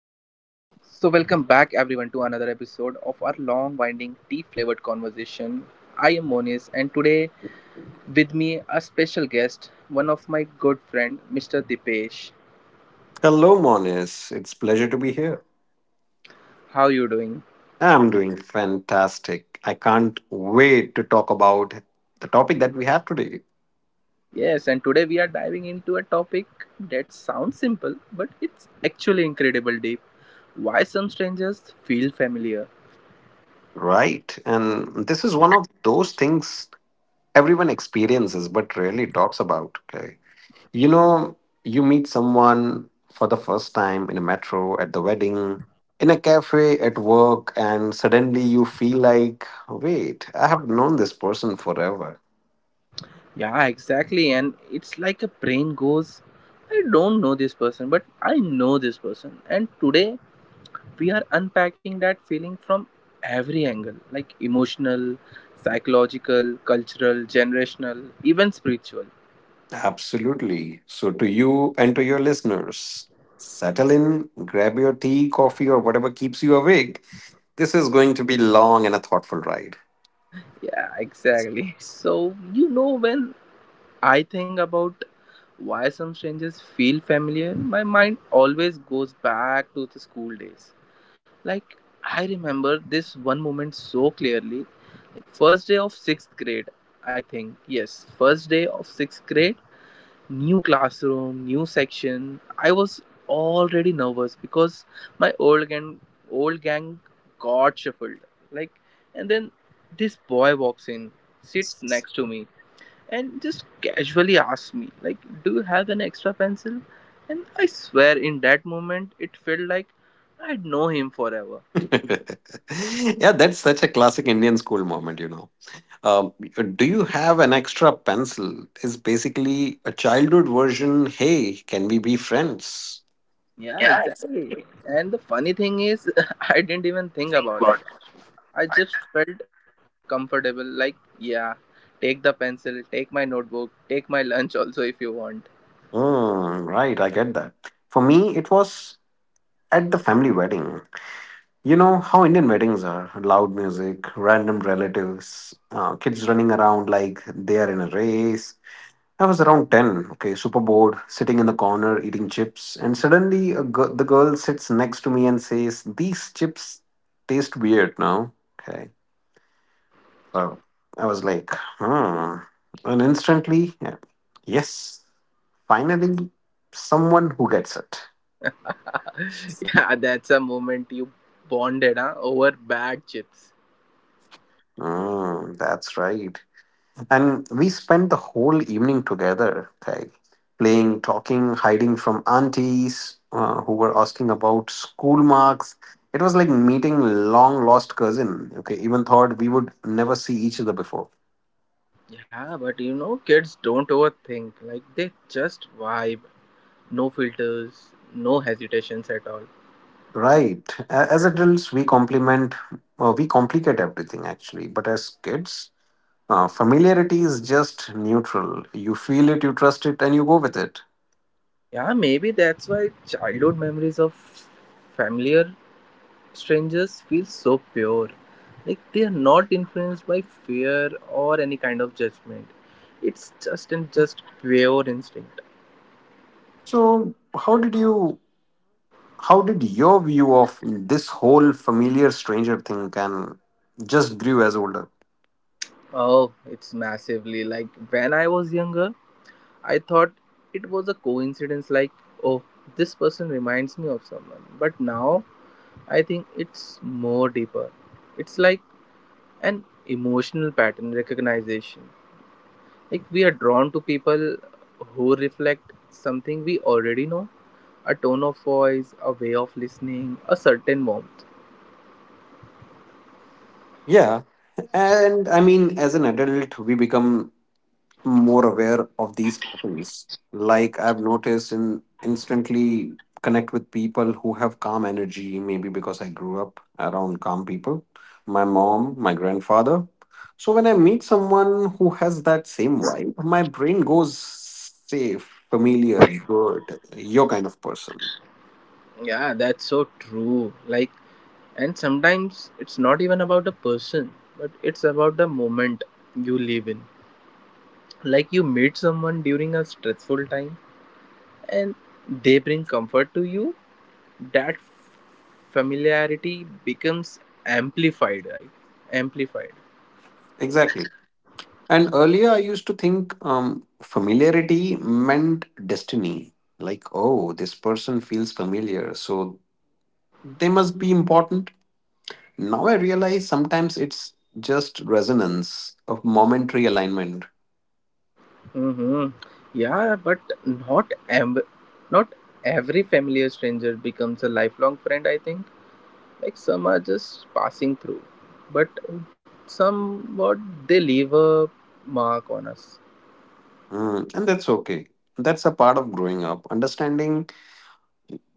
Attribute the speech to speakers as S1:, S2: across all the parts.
S1: welcome back everyone to another episode of our long, winding, tea flavored conversation. I am Monis, and today with me a special guest, one of my good friend, Mr. Dipesh.
S2: Hello, Monis. It's pleasure to be here.
S1: How you doing?
S2: I'm doing fantastic. I can't wait to talk about the topic that we have today.
S1: Yes, and today we are diving into a topic that sounds simple, but it's actually incredible deep. Why some strangers feel familiar?
S2: Right. And this is one of those things everyone experiences but rarely talks about. Okay. You know, you meet someone for the first time in a metro, at the wedding, in a cafe, at work, and suddenly you feel like, wait, I have known this person forever.
S1: Yeah, exactly, and it's like a brain goes, I don't know this person, but I know this person, and today we are unpacking that feeling from every angle like emotional, psychological, cultural, generational, even spiritual.
S2: Absolutely. So, to you and to your listeners, settle in, grab your tea, coffee, or whatever keeps you awake. This is going to be long and a thoughtful ride.
S1: Yeah, exactly. So, you know, when I think about why some strangers feel familiar, my mind always goes back to the school days. Like, I remember this one moment so clearly. Like, first day of sixth grade, I think. Yes, first day of sixth grade, new classroom, new section. I was already nervous because my old gang got shuffled. Like, and then this boy walks in, sits next to me and just casually asks me like, do you have an extra pencil? And I swear in that moment it felt like I'd know him forever.
S2: Yeah, that's such a classic Indian school moment. Um, do you have an extra pencil? Is basically a childhood version. Hey, can we be friends?
S1: Yeah,
S2: Yeah,
S1: exactly.
S2: exactly.
S1: And the funny thing is, I didn't even think
S2: Think
S1: about
S2: about
S1: it.
S2: it.
S1: I just felt comfortable, like, yeah, take the pencil, take my notebook, take my lunch also if you want.
S2: Mm, right, I get that. For me, it was at the family wedding. You know how Indian weddings are loud music, random relatives, kids running around like they are in a race. I was around 10, okay, super bored, sitting in the corner eating chips, and suddenly the girl sits next to me and says, "These chips taste weird now." Okay. So I was like, hmm. And instantly, yeah, yes, finally, someone who gets it.
S1: Yeah, that's a moment you bonded, huh, over bad chips.
S2: Mm, that's right. And we spent the whole evening together, Kyle, playing, talking, hiding from aunties who were asking about school marks. It was like meeting long lost cousin. Okay, even thought we would never see each other before.
S1: Yeah, but you know, kids don't overthink, like, they just vibe. No filters, no hesitations at all.
S2: Right. As adults, we complicate everything actually. But as kids, familiarity is just neutral. You feel it, you trust it, and you go with it.
S1: Yeah, maybe that's why childhood memories of familiar strangers feel so pure, like they are not influenced by fear or any kind of judgment. It's just and just pure instinct.
S2: So, how did you how did your view of this whole familiar stranger thing can just grew as older?
S1: Oh, it's massively. Like when I was younger, I thought it was a coincidence, like, oh, this person reminds me of someone, but now I think it's more deeper. It's like an emotional pattern recognition. Like, we are drawn to people who reflect something we already know, a tone of voice, a way of listening, a certain warmth.
S2: Yeah, and I mean, as an adult, we become more aware of these patterns. Like I've noticed, in instantly connect with people who have calm energy. Maybe because I grew up around calm people, my mom, my grandfather. So when I meet someone who has that same vibe, my brain goes safe, familiar, good, your kind of person.
S1: Yeah, that's so true. Like, and sometimes it's not even about a person, but it's about the moment you live in. Like, you meet someone during a stressful time and they bring comfort to you, that familiarity becomes amplified, right? Amplified.
S2: Exactly. And earlier, I used to think familiarity meant destiny. Like, oh, this person feels familiar, so they must be important. Now I realize sometimes it's just resonance of momentary alignment.
S1: Mm-hmm. Yeah, but not am- not every familiar stranger becomes a lifelong friend, I think. Like, some are just passing through, but somewhat they leave a mark on us.
S2: Mm, and that's okay. That's a part of growing up, understanding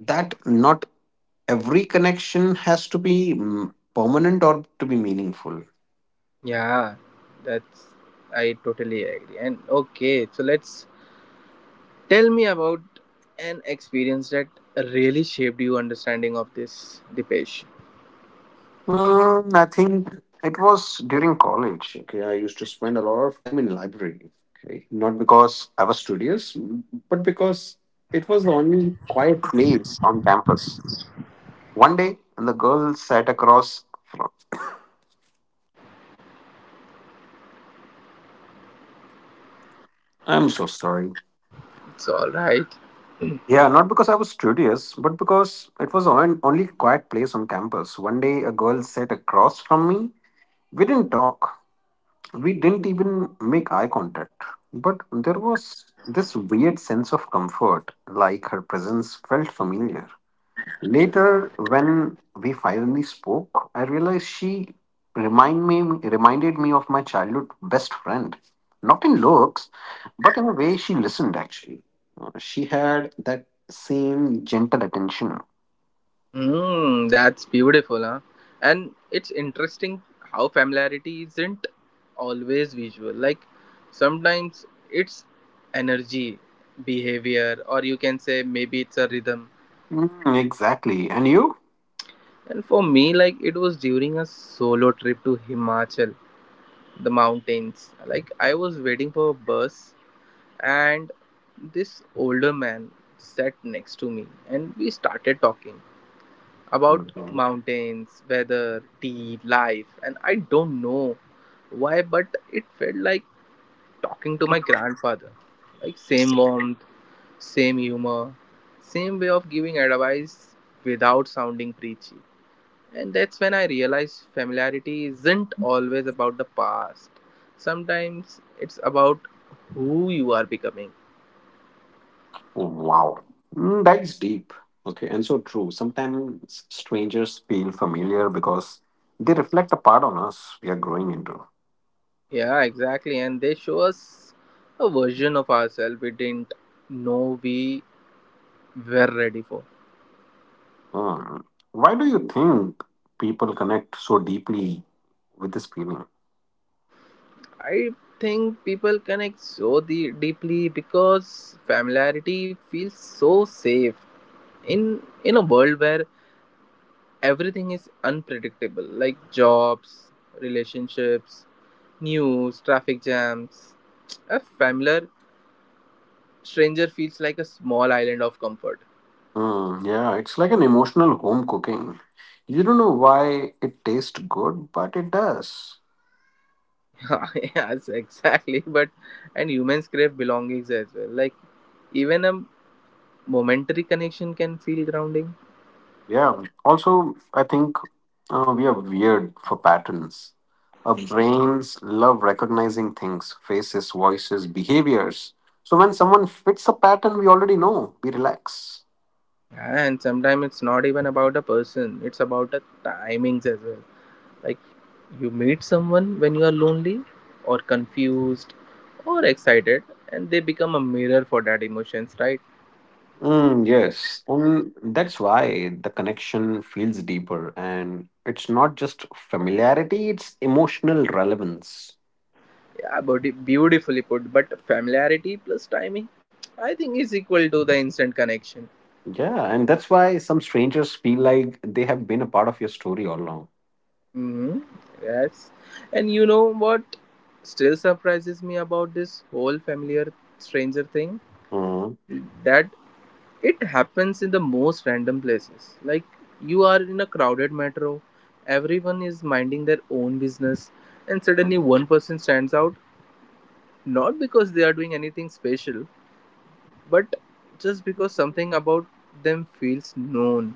S2: that not every connection has to be permanent or to be meaningful.
S1: Yeah, that's, I totally agree. And okay, so let's, tell me about an experience that really shaped your understanding of this, Dipesh.
S2: Mm, I think it was during college. Okay, I used to spend a lot of time in library. Okay, not because I was studious, but because it was the only quiet place on campus. One day, and the girl sat across from. I'm so sorry.
S1: It's all right.
S2: Yeah, not because I was studious, but because it was the only quiet place on campus. One day, a girl sat across from me. We didn't talk. We didn't even make eye contact, but there was this weird sense of comfort, like her presence felt familiar. Later, when we finally spoke, I realized she reminded me of my childhood best friend. Not in looks, but in a way she listened actually. She had that same gentle attention.
S1: Mm, that's beautiful, huh? And it's interesting how familiarity isn't always visual. Like, sometimes it's energy, behavior, or you can say maybe it's a rhythm.
S2: Mm, exactly. And you?
S1: And for me, like it was during a solo trip to Himachal, the mountains. Like, I was waiting for a bus, and this older man sat next to me, and we started talking about mountains, weather, tea, life, and I don't know why, but it felt like talking to my grandfather. Like, same warmth, same humor, same way of giving advice without sounding preachy. And that's when I realized familiarity isn't always about the past, sometimes it's about who you are becoming.
S2: Wow, that is deep. Okay, and so true. Sometimes strangers feel familiar because they reflect a part on us we are growing into.
S1: Yeah, exactly. And they show us a version of ourselves we didn't know we were ready for.
S2: Mm. Why do you think people connect so deeply with this feeling?
S1: I think people connect so deeply because familiarity feels so safe in a world where everything is unpredictable, like jobs, relationships, news, traffic jams. A familiar stranger feels like a small island of comfort.
S2: Mm, yeah, it's like an emotional home cooking. You don't know why it tastes good, but it does.
S1: Yes, exactly. But and humans crave belongings as well. Like, even a momentary connection can feel grounding.
S2: Yeah. Also, I think we are weird for patterns. Our brains love recognizing things, faces, voices, behaviors. So when someone fits a pattern, we already know. We relax.
S1: And sometimes it's not even about a person, it's about the timings as well. Like, you meet someone when you are lonely or confused or excited and they become a mirror for that emotions, right?
S2: Mm, yes. And that's why the connection feels deeper. And it's not just familiarity, it's emotional relevance.
S1: Yeah, but beautifully put, but familiarity plus timing, I think, is equal to the instant connection.
S2: Yeah. And that's why some strangers feel like they have been a part of your story all along.
S1: Hmm, yes. And you know what still surprises me about this whole familiar stranger thing,
S2: Mm.
S1: that it happens in the most random places. Like, you are in a crowded metro, everyone is minding their own business, and suddenly one person stands out, not because they are doing anything special, but just because something about them feels known.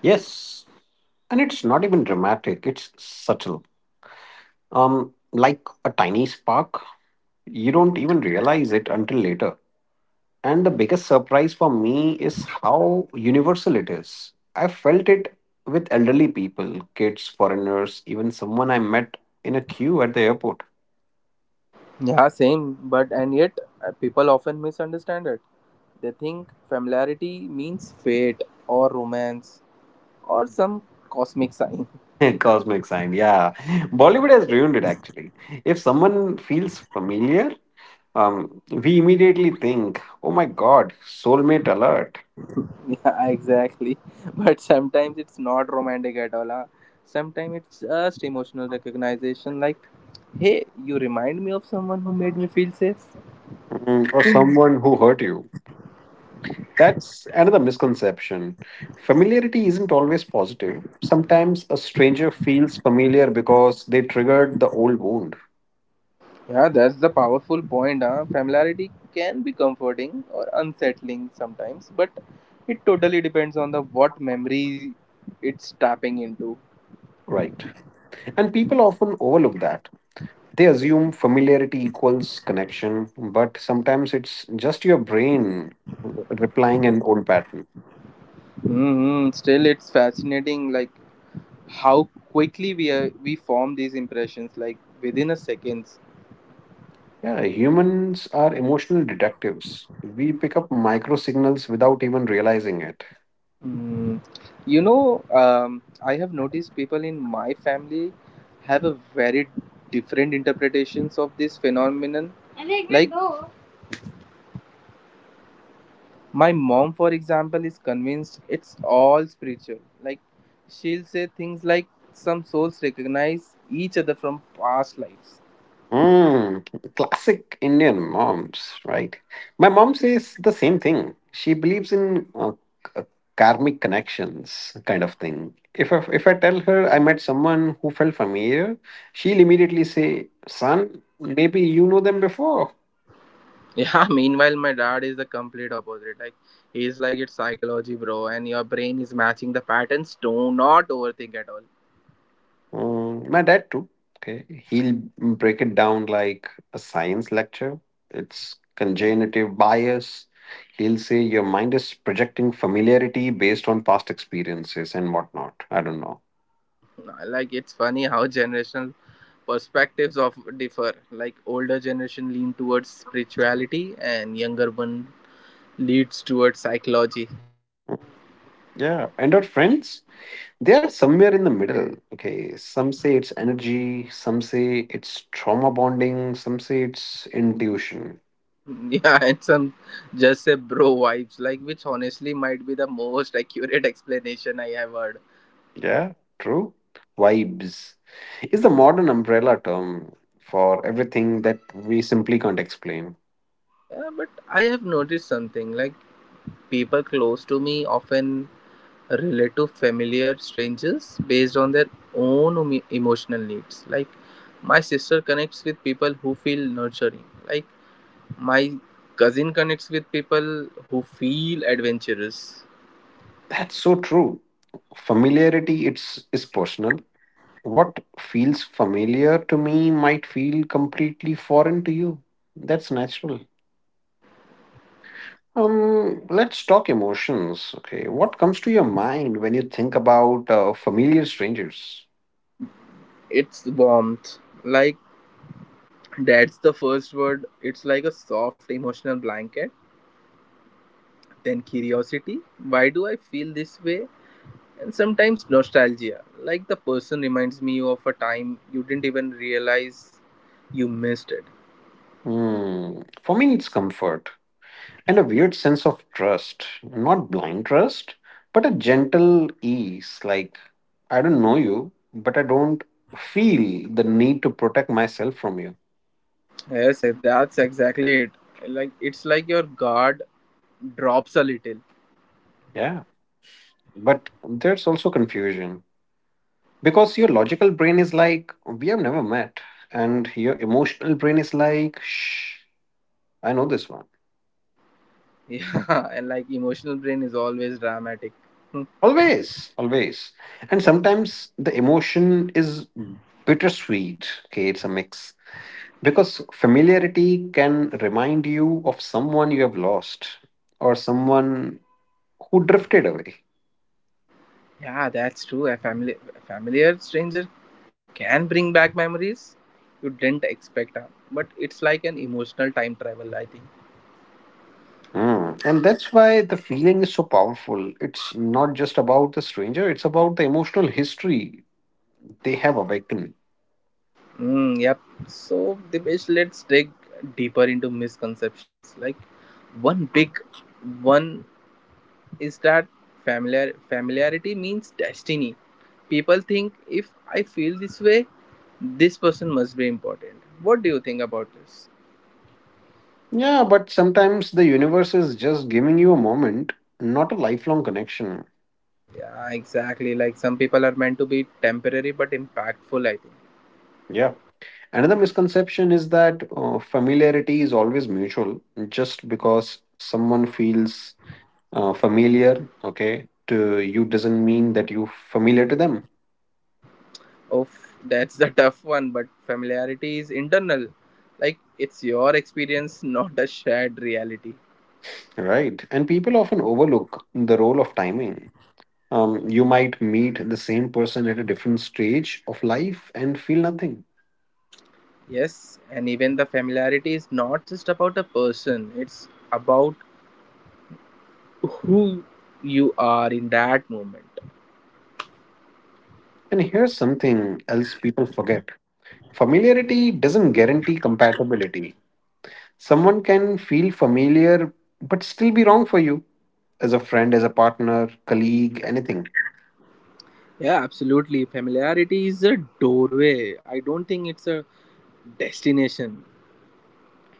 S2: Yes, and it's not even dramatic, it's subtle. Like a tiny spark, you don't even realize it until later. And the biggest surprise for me is how universal it is. I felt it with elderly people, kids, foreigners, even someone I met in a queue at the airport.
S1: Yeah, same, but and yet people often misunderstand it. They think familiarity means fate or romance or some cosmic sign.
S2: Cosmic sign, yeah. Bollywood has ruined it actually. If someone feels familiar, we immediately think, oh my god, soulmate alert.
S1: Yeah, exactly. But sometimes it's not romantic at all. Huh? Sometimes it's just emotional recognition, like, hey, you remind me of someone who made me feel safe.
S2: Mm, or someone who hurt you. That's another misconception. Familiarity isn't always positive. Sometimes a stranger feels familiar because they triggered the old wound.
S1: Yeah, that's the powerful point. Huh? Familiarity can be comforting or unsettling sometimes, but it totally depends on the what memory it's tapping into.
S2: Right. And people often overlook that. They assume familiarity equals connection, but sometimes it's just your brain replying an old pattern.
S1: Hmm. Still, it's fascinating, like how quickly we form these impressions, like within a second.
S2: Yeah, humans are emotional detectives. We pick up micro signals without even realizing it.
S1: Mm, you know, I have noticed people in my family have a very different interpretations of this phenomenon. Like, my mom, for example, is convinced it's all spiritual. Like, she'll say things like, some souls recognize each other from past lives.
S2: Mm, classic Indian moms, right? My mom says the same thing. She believes in k- uh, karmic connections, kind of thing. If I tell her I met someone who felt familiar, she'll immediately say, "Son, maybe you know them before."
S1: Yeah, meanwhile, my dad is the complete opposite. Like, he's like, it's psychology, bro, and your brain is matching the patterns. Do not overthink at all.
S2: Mm, my dad too. Okay, he'll break it down like a science lecture. It's congenitive bias. He'll say your mind is projecting familiarity based on past experiences and whatnot. I don't know.
S1: Like, it's funny how generational perspectives of differ, like older generation lean towards spirituality and younger one leads towards psychology.
S2: Yeah, and our friends, they are somewhere in the middle. Okay, some say it's energy, some say it's trauma bonding, some say it's intuition.
S1: Yeah, and some just say bro vibes, like, which honestly might be the most accurate explanation I have heard.
S2: Yeah, true. Vibes is the modern umbrella term for everything that we simply can't explain.
S1: Yeah, but I have noticed something, like people close to me often relate to familiar strangers based on their own emotional needs. Like, my sister connects with people who feel nurturing, like my cousin connects with people who feel adventurous.
S2: That's so true. Familiarity it's is personal. What feels familiar to me might feel completely foreign to you. That's natural. Let's talk emotions. Okay, what comes to your mind when you think about familiar strangers?
S1: It's warmth. Like, that's the first word. It's like a soft emotional blanket. Then curiosity, why do I feel this way? And sometimes nostalgia, like the person reminds me of a time you didn't even realize you missed it.
S2: Hmm. For me, it's comfort and a weird sense of trust. Not blind trust, but a gentle ease. Like, I don't know you, but I don't feel the need to protect myself from you.
S1: Yes, eh, that's exactly it. Like, it's like your guard drops a little.
S2: Yeah. But there's also confusion because your logical brain is like, we have never met. And your emotional brain is like, shh, I know this one.
S1: Yeah, and like emotional brain is always dramatic. Hmm.
S2: Always, always. And sometimes the emotion is bittersweet. Okay, it's a mix because familiarity can remind you of someone you have lost or someone who drifted away.
S1: Yeah, that's true. A familiar stranger can bring back memories you didn't expect, huh? But it's like an emotional time travel, I think.
S2: Mm. And that's why the feeling is so powerful. It's not just about the stranger, it's about the emotional history they have awakened.
S1: Mm, yep. So, Dipesh, let's dig deeper into misconceptions. Like, one big one is that familiarity means destiny. People think, if I feel this way, this person must be important. What do you think about this?
S2: Yeah, but sometimes the universe is just giving you a moment, not a lifelong connection.
S1: Yeah, exactly. Like, some people are meant to be temporary but impactful, I think.
S2: Yeah. Another misconception is that familiarity is always mutual. Just because someone feels familiar okay to you doesn't mean that you familiar to them.
S1: Oh, that's the tough one, but familiarity is internal. Like, it's your experience, not a shared reality.
S2: Right, and people often overlook the role of timing. You might meet the same person at a different stage of life and feel nothing.
S1: Yes, and even the familiarity is not just about a person, it's about who you are in that moment.
S2: And here's something else people forget. Familiarity doesn't guarantee compatibility. Someone can feel familiar but still be wrong for you as a friend, as a partner, colleague, anything.
S1: Yeah, absolutely. Familiarity is a doorway. I don't think it's a destination.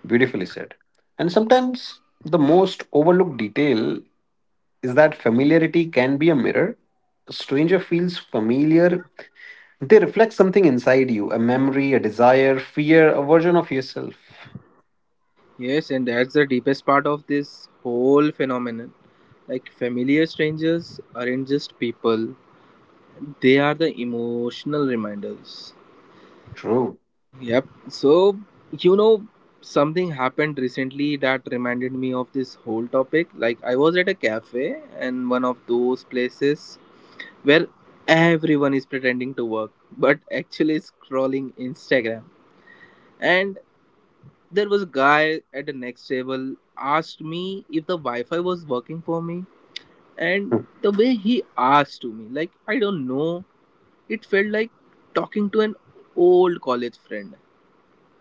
S2: Beautifully said. And sometimes the most overlooked detail is that familiarity can be a mirror. A stranger feels familiar, they reflect something inside you, a memory, a desire, fear, a version of yourself.
S1: Yes, and that's the deepest part of this whole phenomenon. Like, familiar strangers aren't just people, they are the emotional reminders.
S2: True.
S1: Yep. So, you know, something happened recently that reminded me of this whole topic. Like, I was at a cafe, and one of those places where everyone is pretending to work but actually scrolling Instagram. And there was a guy at the next table asked me if the Wi-Fi was working for me, and the way he asked to me, like, I don't know, it felt like talking to an old college friend.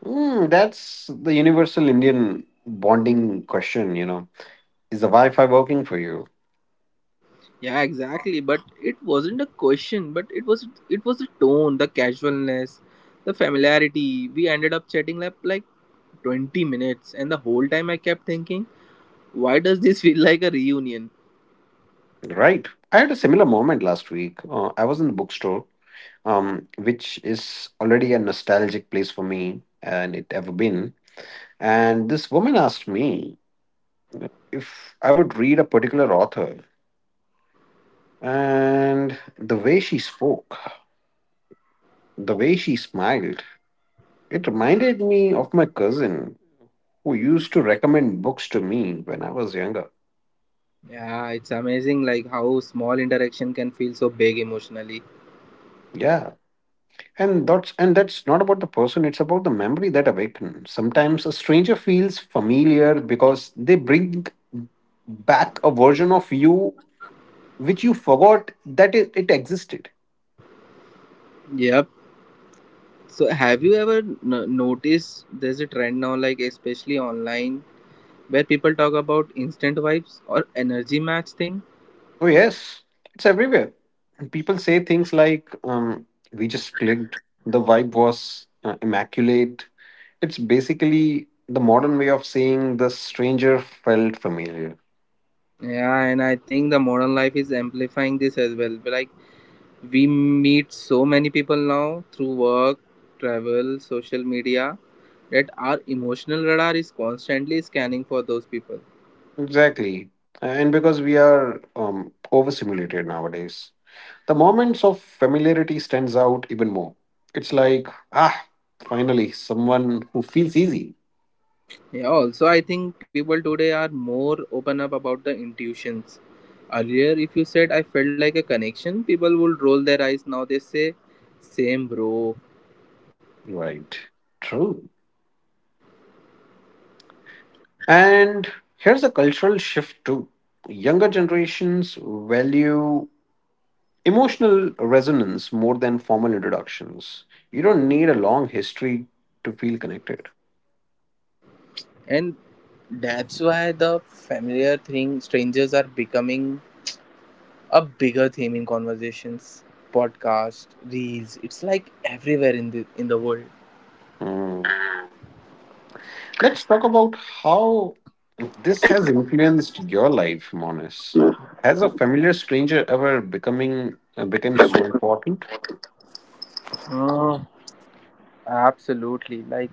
S2: Hmm, that's the universal Indian bonding question. Is the Wi Fi working for you?
S1: Yeah, exactly. But it wasn't a question, but it was the tone, the casualness, the familiarity. We ended up chatting like 20 minutes and the whole time I kept thinking, why does this feel like a reunion?
S2: Right. I had a similar moment last week. I was in the bookstore, which is already a nostalgic place for me and it ever been. And this woman asked me if I would read a particular author. And the way she spoke, the way she smiled, it reminded me of my cousin who used to recommend books to me when I was younger.
S1: Yeah, it's amazing like how small interaction can feel so big emotionally.
S2: Yeah. And that's not about the person, it's about the memory that awakens. Sometimes a stranger feels familiar because they bring back a version of you which you forgot that it existed.
S1: Yep. So have you ever noticed there's a trend now, like especially online, where people talk about instant vibes or energy match thing?
S2: Oh, yes, it's everywhere. People say things like, we just clicked, the vibe was immaculate. It's basically the modern way of saying the stranger felt familiar.
S1: Yeah, and I think the modern life is amplifying this as well. Like, we meet so many people now through work, travel, social media that our emotional radar is constantly scanning for those people.
S2: Exactly. And because we are overstimulated nowadays, the moments of familiarity stands out even more. It's like, ah, finally, someone who feels easy.
S1: Yeah, also, I think people today are more open up about the intuitions. Earlier, if you said I felt like a connection, people would roll their eyes. Now they say, same bro.
S2: Right. True. And here's a cultural shift too. Younger generations value emotional resonance more than formal introductions. You don't need a long history to feel connected.
S1: And that's why the familiar thing, strangers are becoming a bigger theme in conversations, podcast, reels. It's like everywhere in the world.
S2: Mm. Let's talk about how this has influenced your life, Monis. Has a familiar stranger ever becoming become so important?
S1: Oh, absolutely. Like,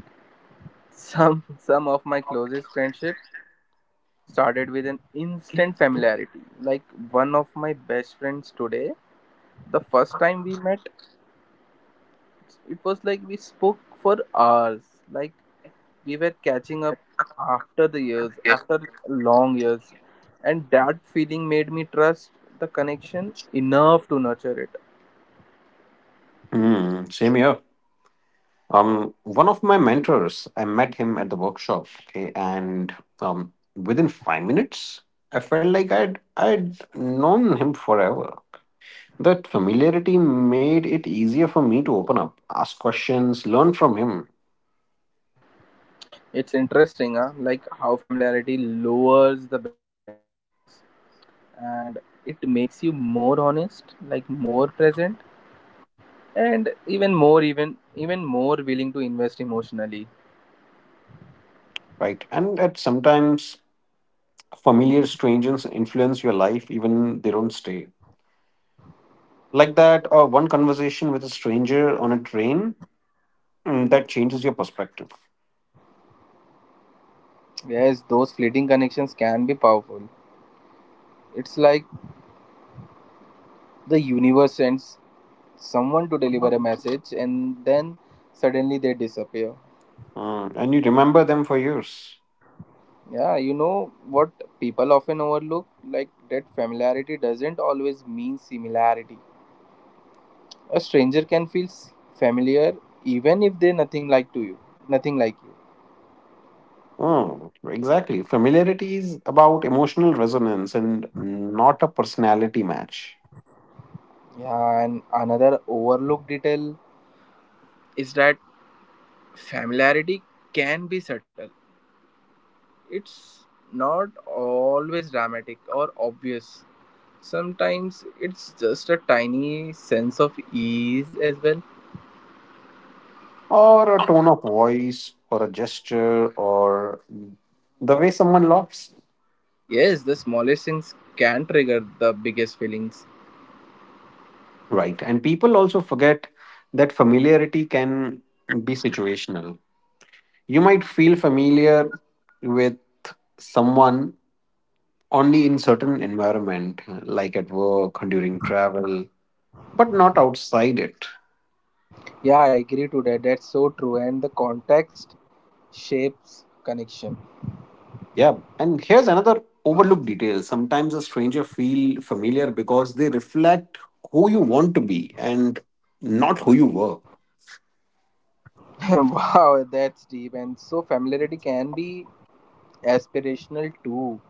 S1: some some of my closest friendship started with an instant familiarity. Like, one of my best friends today, the first time we met, it was like we spoke for hours. Like, we were catching up after the years,
S2: Yeah.
S1: after long years. And that feeling made me trust the connection enough to nurture it.
S2: Mm, same here. One of my mentors, I met him at the workshop, okay, and within 5 minutes, I felt like I'd known him forever. That familiarity made it easier for me to open up, ask questions, learn from him,
S1: It's interesting, huh? Like, how familiarity lowers the barriers and it makes you more honest, like more present and even more willing to invest emotionally.
S2: right? And at sometimes familiar strangers influence your life even they don't stay. Like that, one conversation with a stranger on a train that changes your perspective.
S1: Yes, those fleeting connections can be powerful. It's like the universe sends someone to deliver a message and then suddenly they disappear.
S2: Mm, and you remember them for years.
S1: Yeah, you know what people often overlook, like that familiarity doesn't always mean similarity. A stranger can feel familiar even if they're nothing like you.
S2: Mm, exactly. Familiarity is about emotional resonance and not a personality match
S1: Yeah, and another overlooked detail is that familiarity can be subtle. It's not always dramatic or obvious. Sometimes it's just a tiny sense of ease as well.
S2: or a tone of voice or a gesture or the way someone laughs.
S1: Yes, the smallest things can trigger the biggest feelings.
S2: Right. And people also forget that familiarity can be situational. You might feel familiar with someone only in certain environment like at work during travel but not outside it.
S1: Yeah, I agree to that. That's so true. And the context shapes connection.
S2: Yeah, and here's another overlooked detail. Sometimes a stranger feel familiar because they reflect who you want to be and not who you were.
S1: Wow, that's deep. And so familiarity can be aspirational too.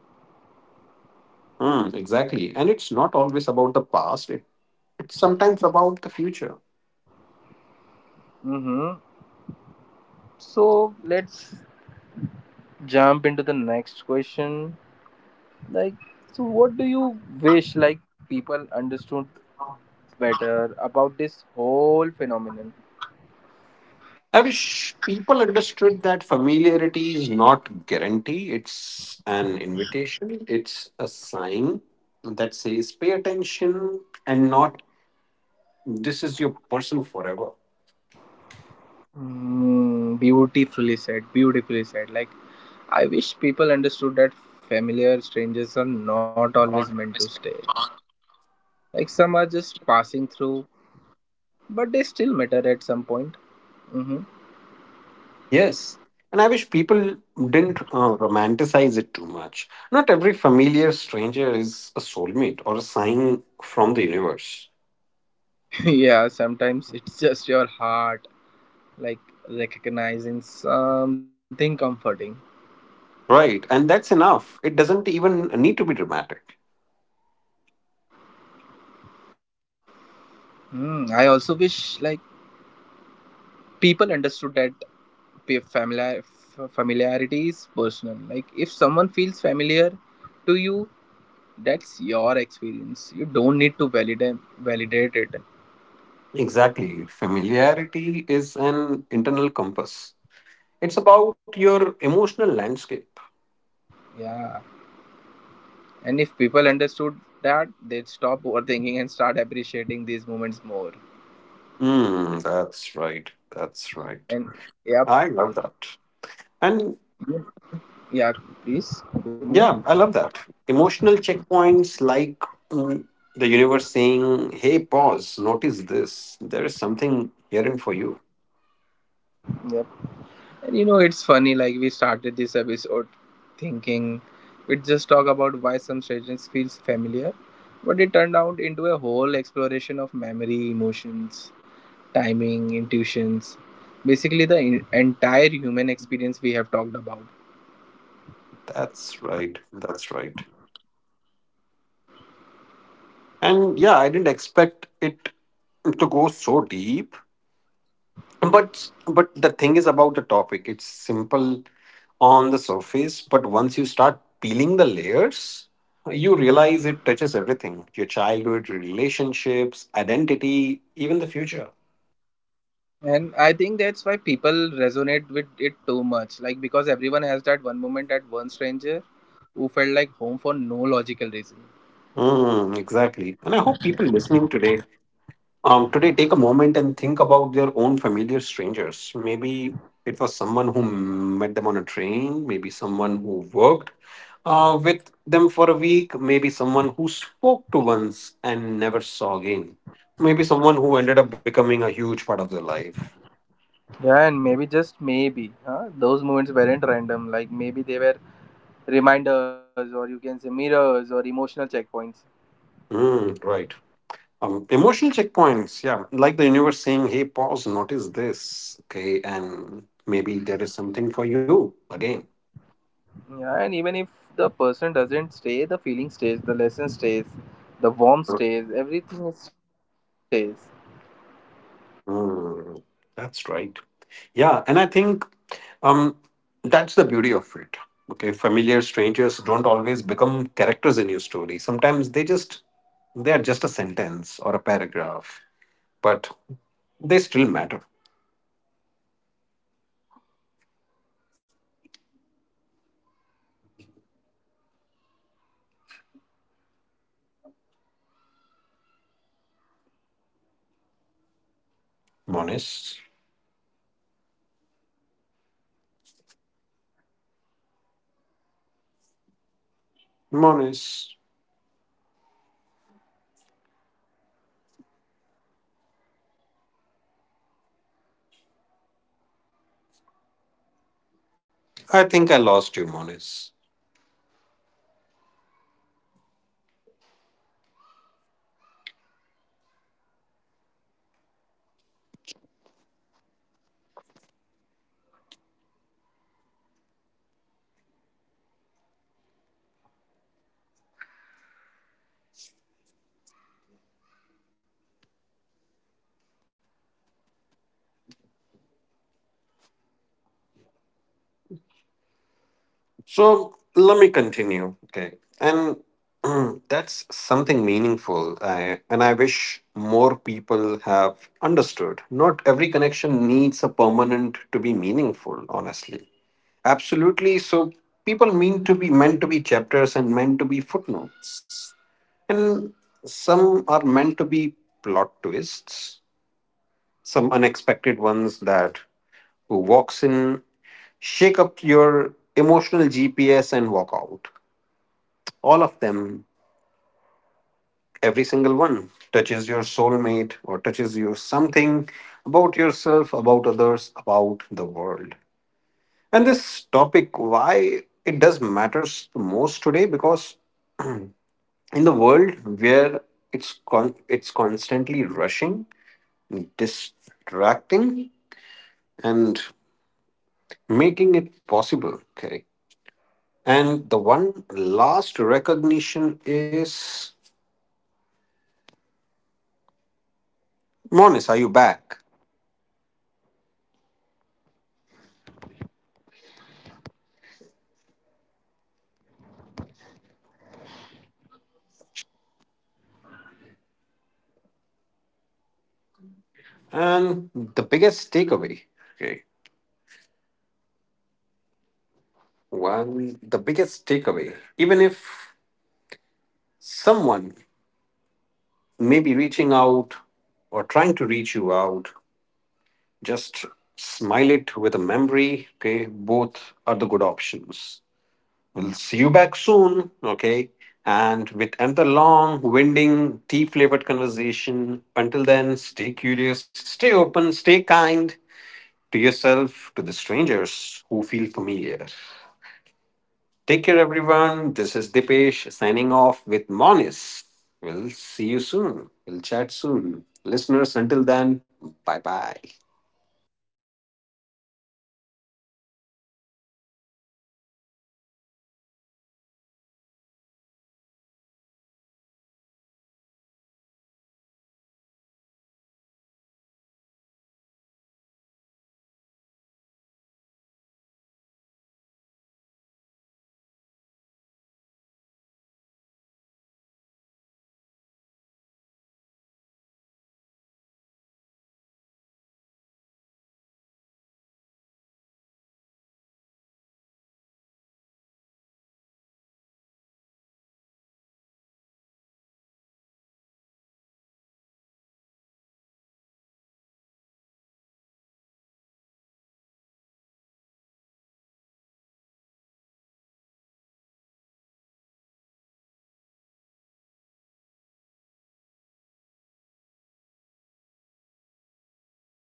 S2: Hmm, exactly. And it's not always about the past, it's sometimes about the future.
S1: Mm-hmm. So let's jump into the next question. Like, so what do you wish like people understood better about this whole phenomenon?
S2: I wish people understood that familiarity is not guarantee, it's an invitation, it's a sign that says pay attention and not this is your person forever.
S1: Mm, beautifully said, beautifully said. Like, I wish people understood that familiar strangers are not
S2: Not
S1: always meant to
S2: always.
S1: stay. Like, some are just passing through, but they still matter at some point. Hmm.
S2: And I wish people didn't romanticize it too much. Not every familiar stranger is a soulmate or a sign from the universe.
S1: Yeah, sometimes it's just your heart, like, recognizing something comforting.
S2: Right, and that's enough. It doesn't even need to be dramatic.
S1: Mm, I also wish, like, people understood that familiarity is personal. Like, if someone feels familiar to you, that's your experience. You don't need to validate it.
S2: Exactly. Familiarity is an internal compass, it's about your emotional landscape.
S1: Yeah, and if people understood that, they'd stop overthinking and start appreciating these moments more.
S2: Mm, that's right. That's right.
S1: And yeah,
S2: I love that. And
S1: yeah, please continue.
S2: yeah, I love that. Emotional checkpoints like mm, the universe saying, hey, pause, notice this. There is something herein for you.
S1: Yeah. And you know, it's funny, like we started this episode thinking we'd just talk about why some strategies feels familiar, but it turned out into a whole exploration of memory, emotions, timing, intuitions, basically the entire human experience we have talked about.
S2: That's right. That's right. And yeah, I didn't expect it to go so deep. But the thing is about the topic. It's simple on the surface, but once you start peeling the layers, you realize it touches everything. Your childhood, relationships, identity, even the future.
S1: And I think that's why people resonate with it too much, like because everyone has that one moment, that one stranger who felt like home for no logical reason.
S2: Mm, exactly. And I hope people listening today, today take a moment and think about their own familiar strangers. Maybe it was someone who met them on a train, maybe someone who worked with them for a week, maybe someone who spoke to once and never saw again, maybe someone who ended up becoming a huge part of their life.
S1: Yeah, and maybe just maybe, huh? Those moments weren't random. Like, maybe they were reminders, or you can say mirrors or emotional checkpoints.
S2: Mm, right. Emotional checkpoints, yeah, like the universe saying, "Hey, pause, notice this, okay, and maybe there is something for you again."
S1: Yeah, and even if the person doesn't stay, the feeling stays, the lesson.
S2: Mm, that's right. Yeah, and I think um, that's the beauty of it. Okay, familiar strangers don't always become characters in your story. Sometimes they are just a sentence or a paragraph, but they still matter. Monis, Monis, I think I lost you, Monis. So let me continue. Okay. And that's something meaningful. And I wish more people have understood. Not every connection needs a permanent to be meaningful, honestly. Absolutely. So people mean to be meant to be chapters and meant to be footnotes. And some are meant to be plot twists, some unexpected ones that who walks in, shake up your emotional GPS and walk out, all of them, every single one touches your soulmate or touches you something about yourself, about others, about the world. And this topic, why it does matters the most today, because in the world where it's constantly rushing, distracting, and making it possible, okay. And the one last recognition is, Monis, are you back? And the biggest takeaway, okay, one, the biggest takeaway, even if someone may be reaching out or trying to reach you out, just smile it with a memory, okay, both are the good options. We'll see you back soon, okay, and with another long, winding, tea flavored conversation. Until then, stay curious, stay open, stay kind to yourself, to the strangers who feel familiar. Take care, everyone. This is Dipesh signing off with Monis. We'll see you soon. We'll chat soon. Listeners, until then, bye bye.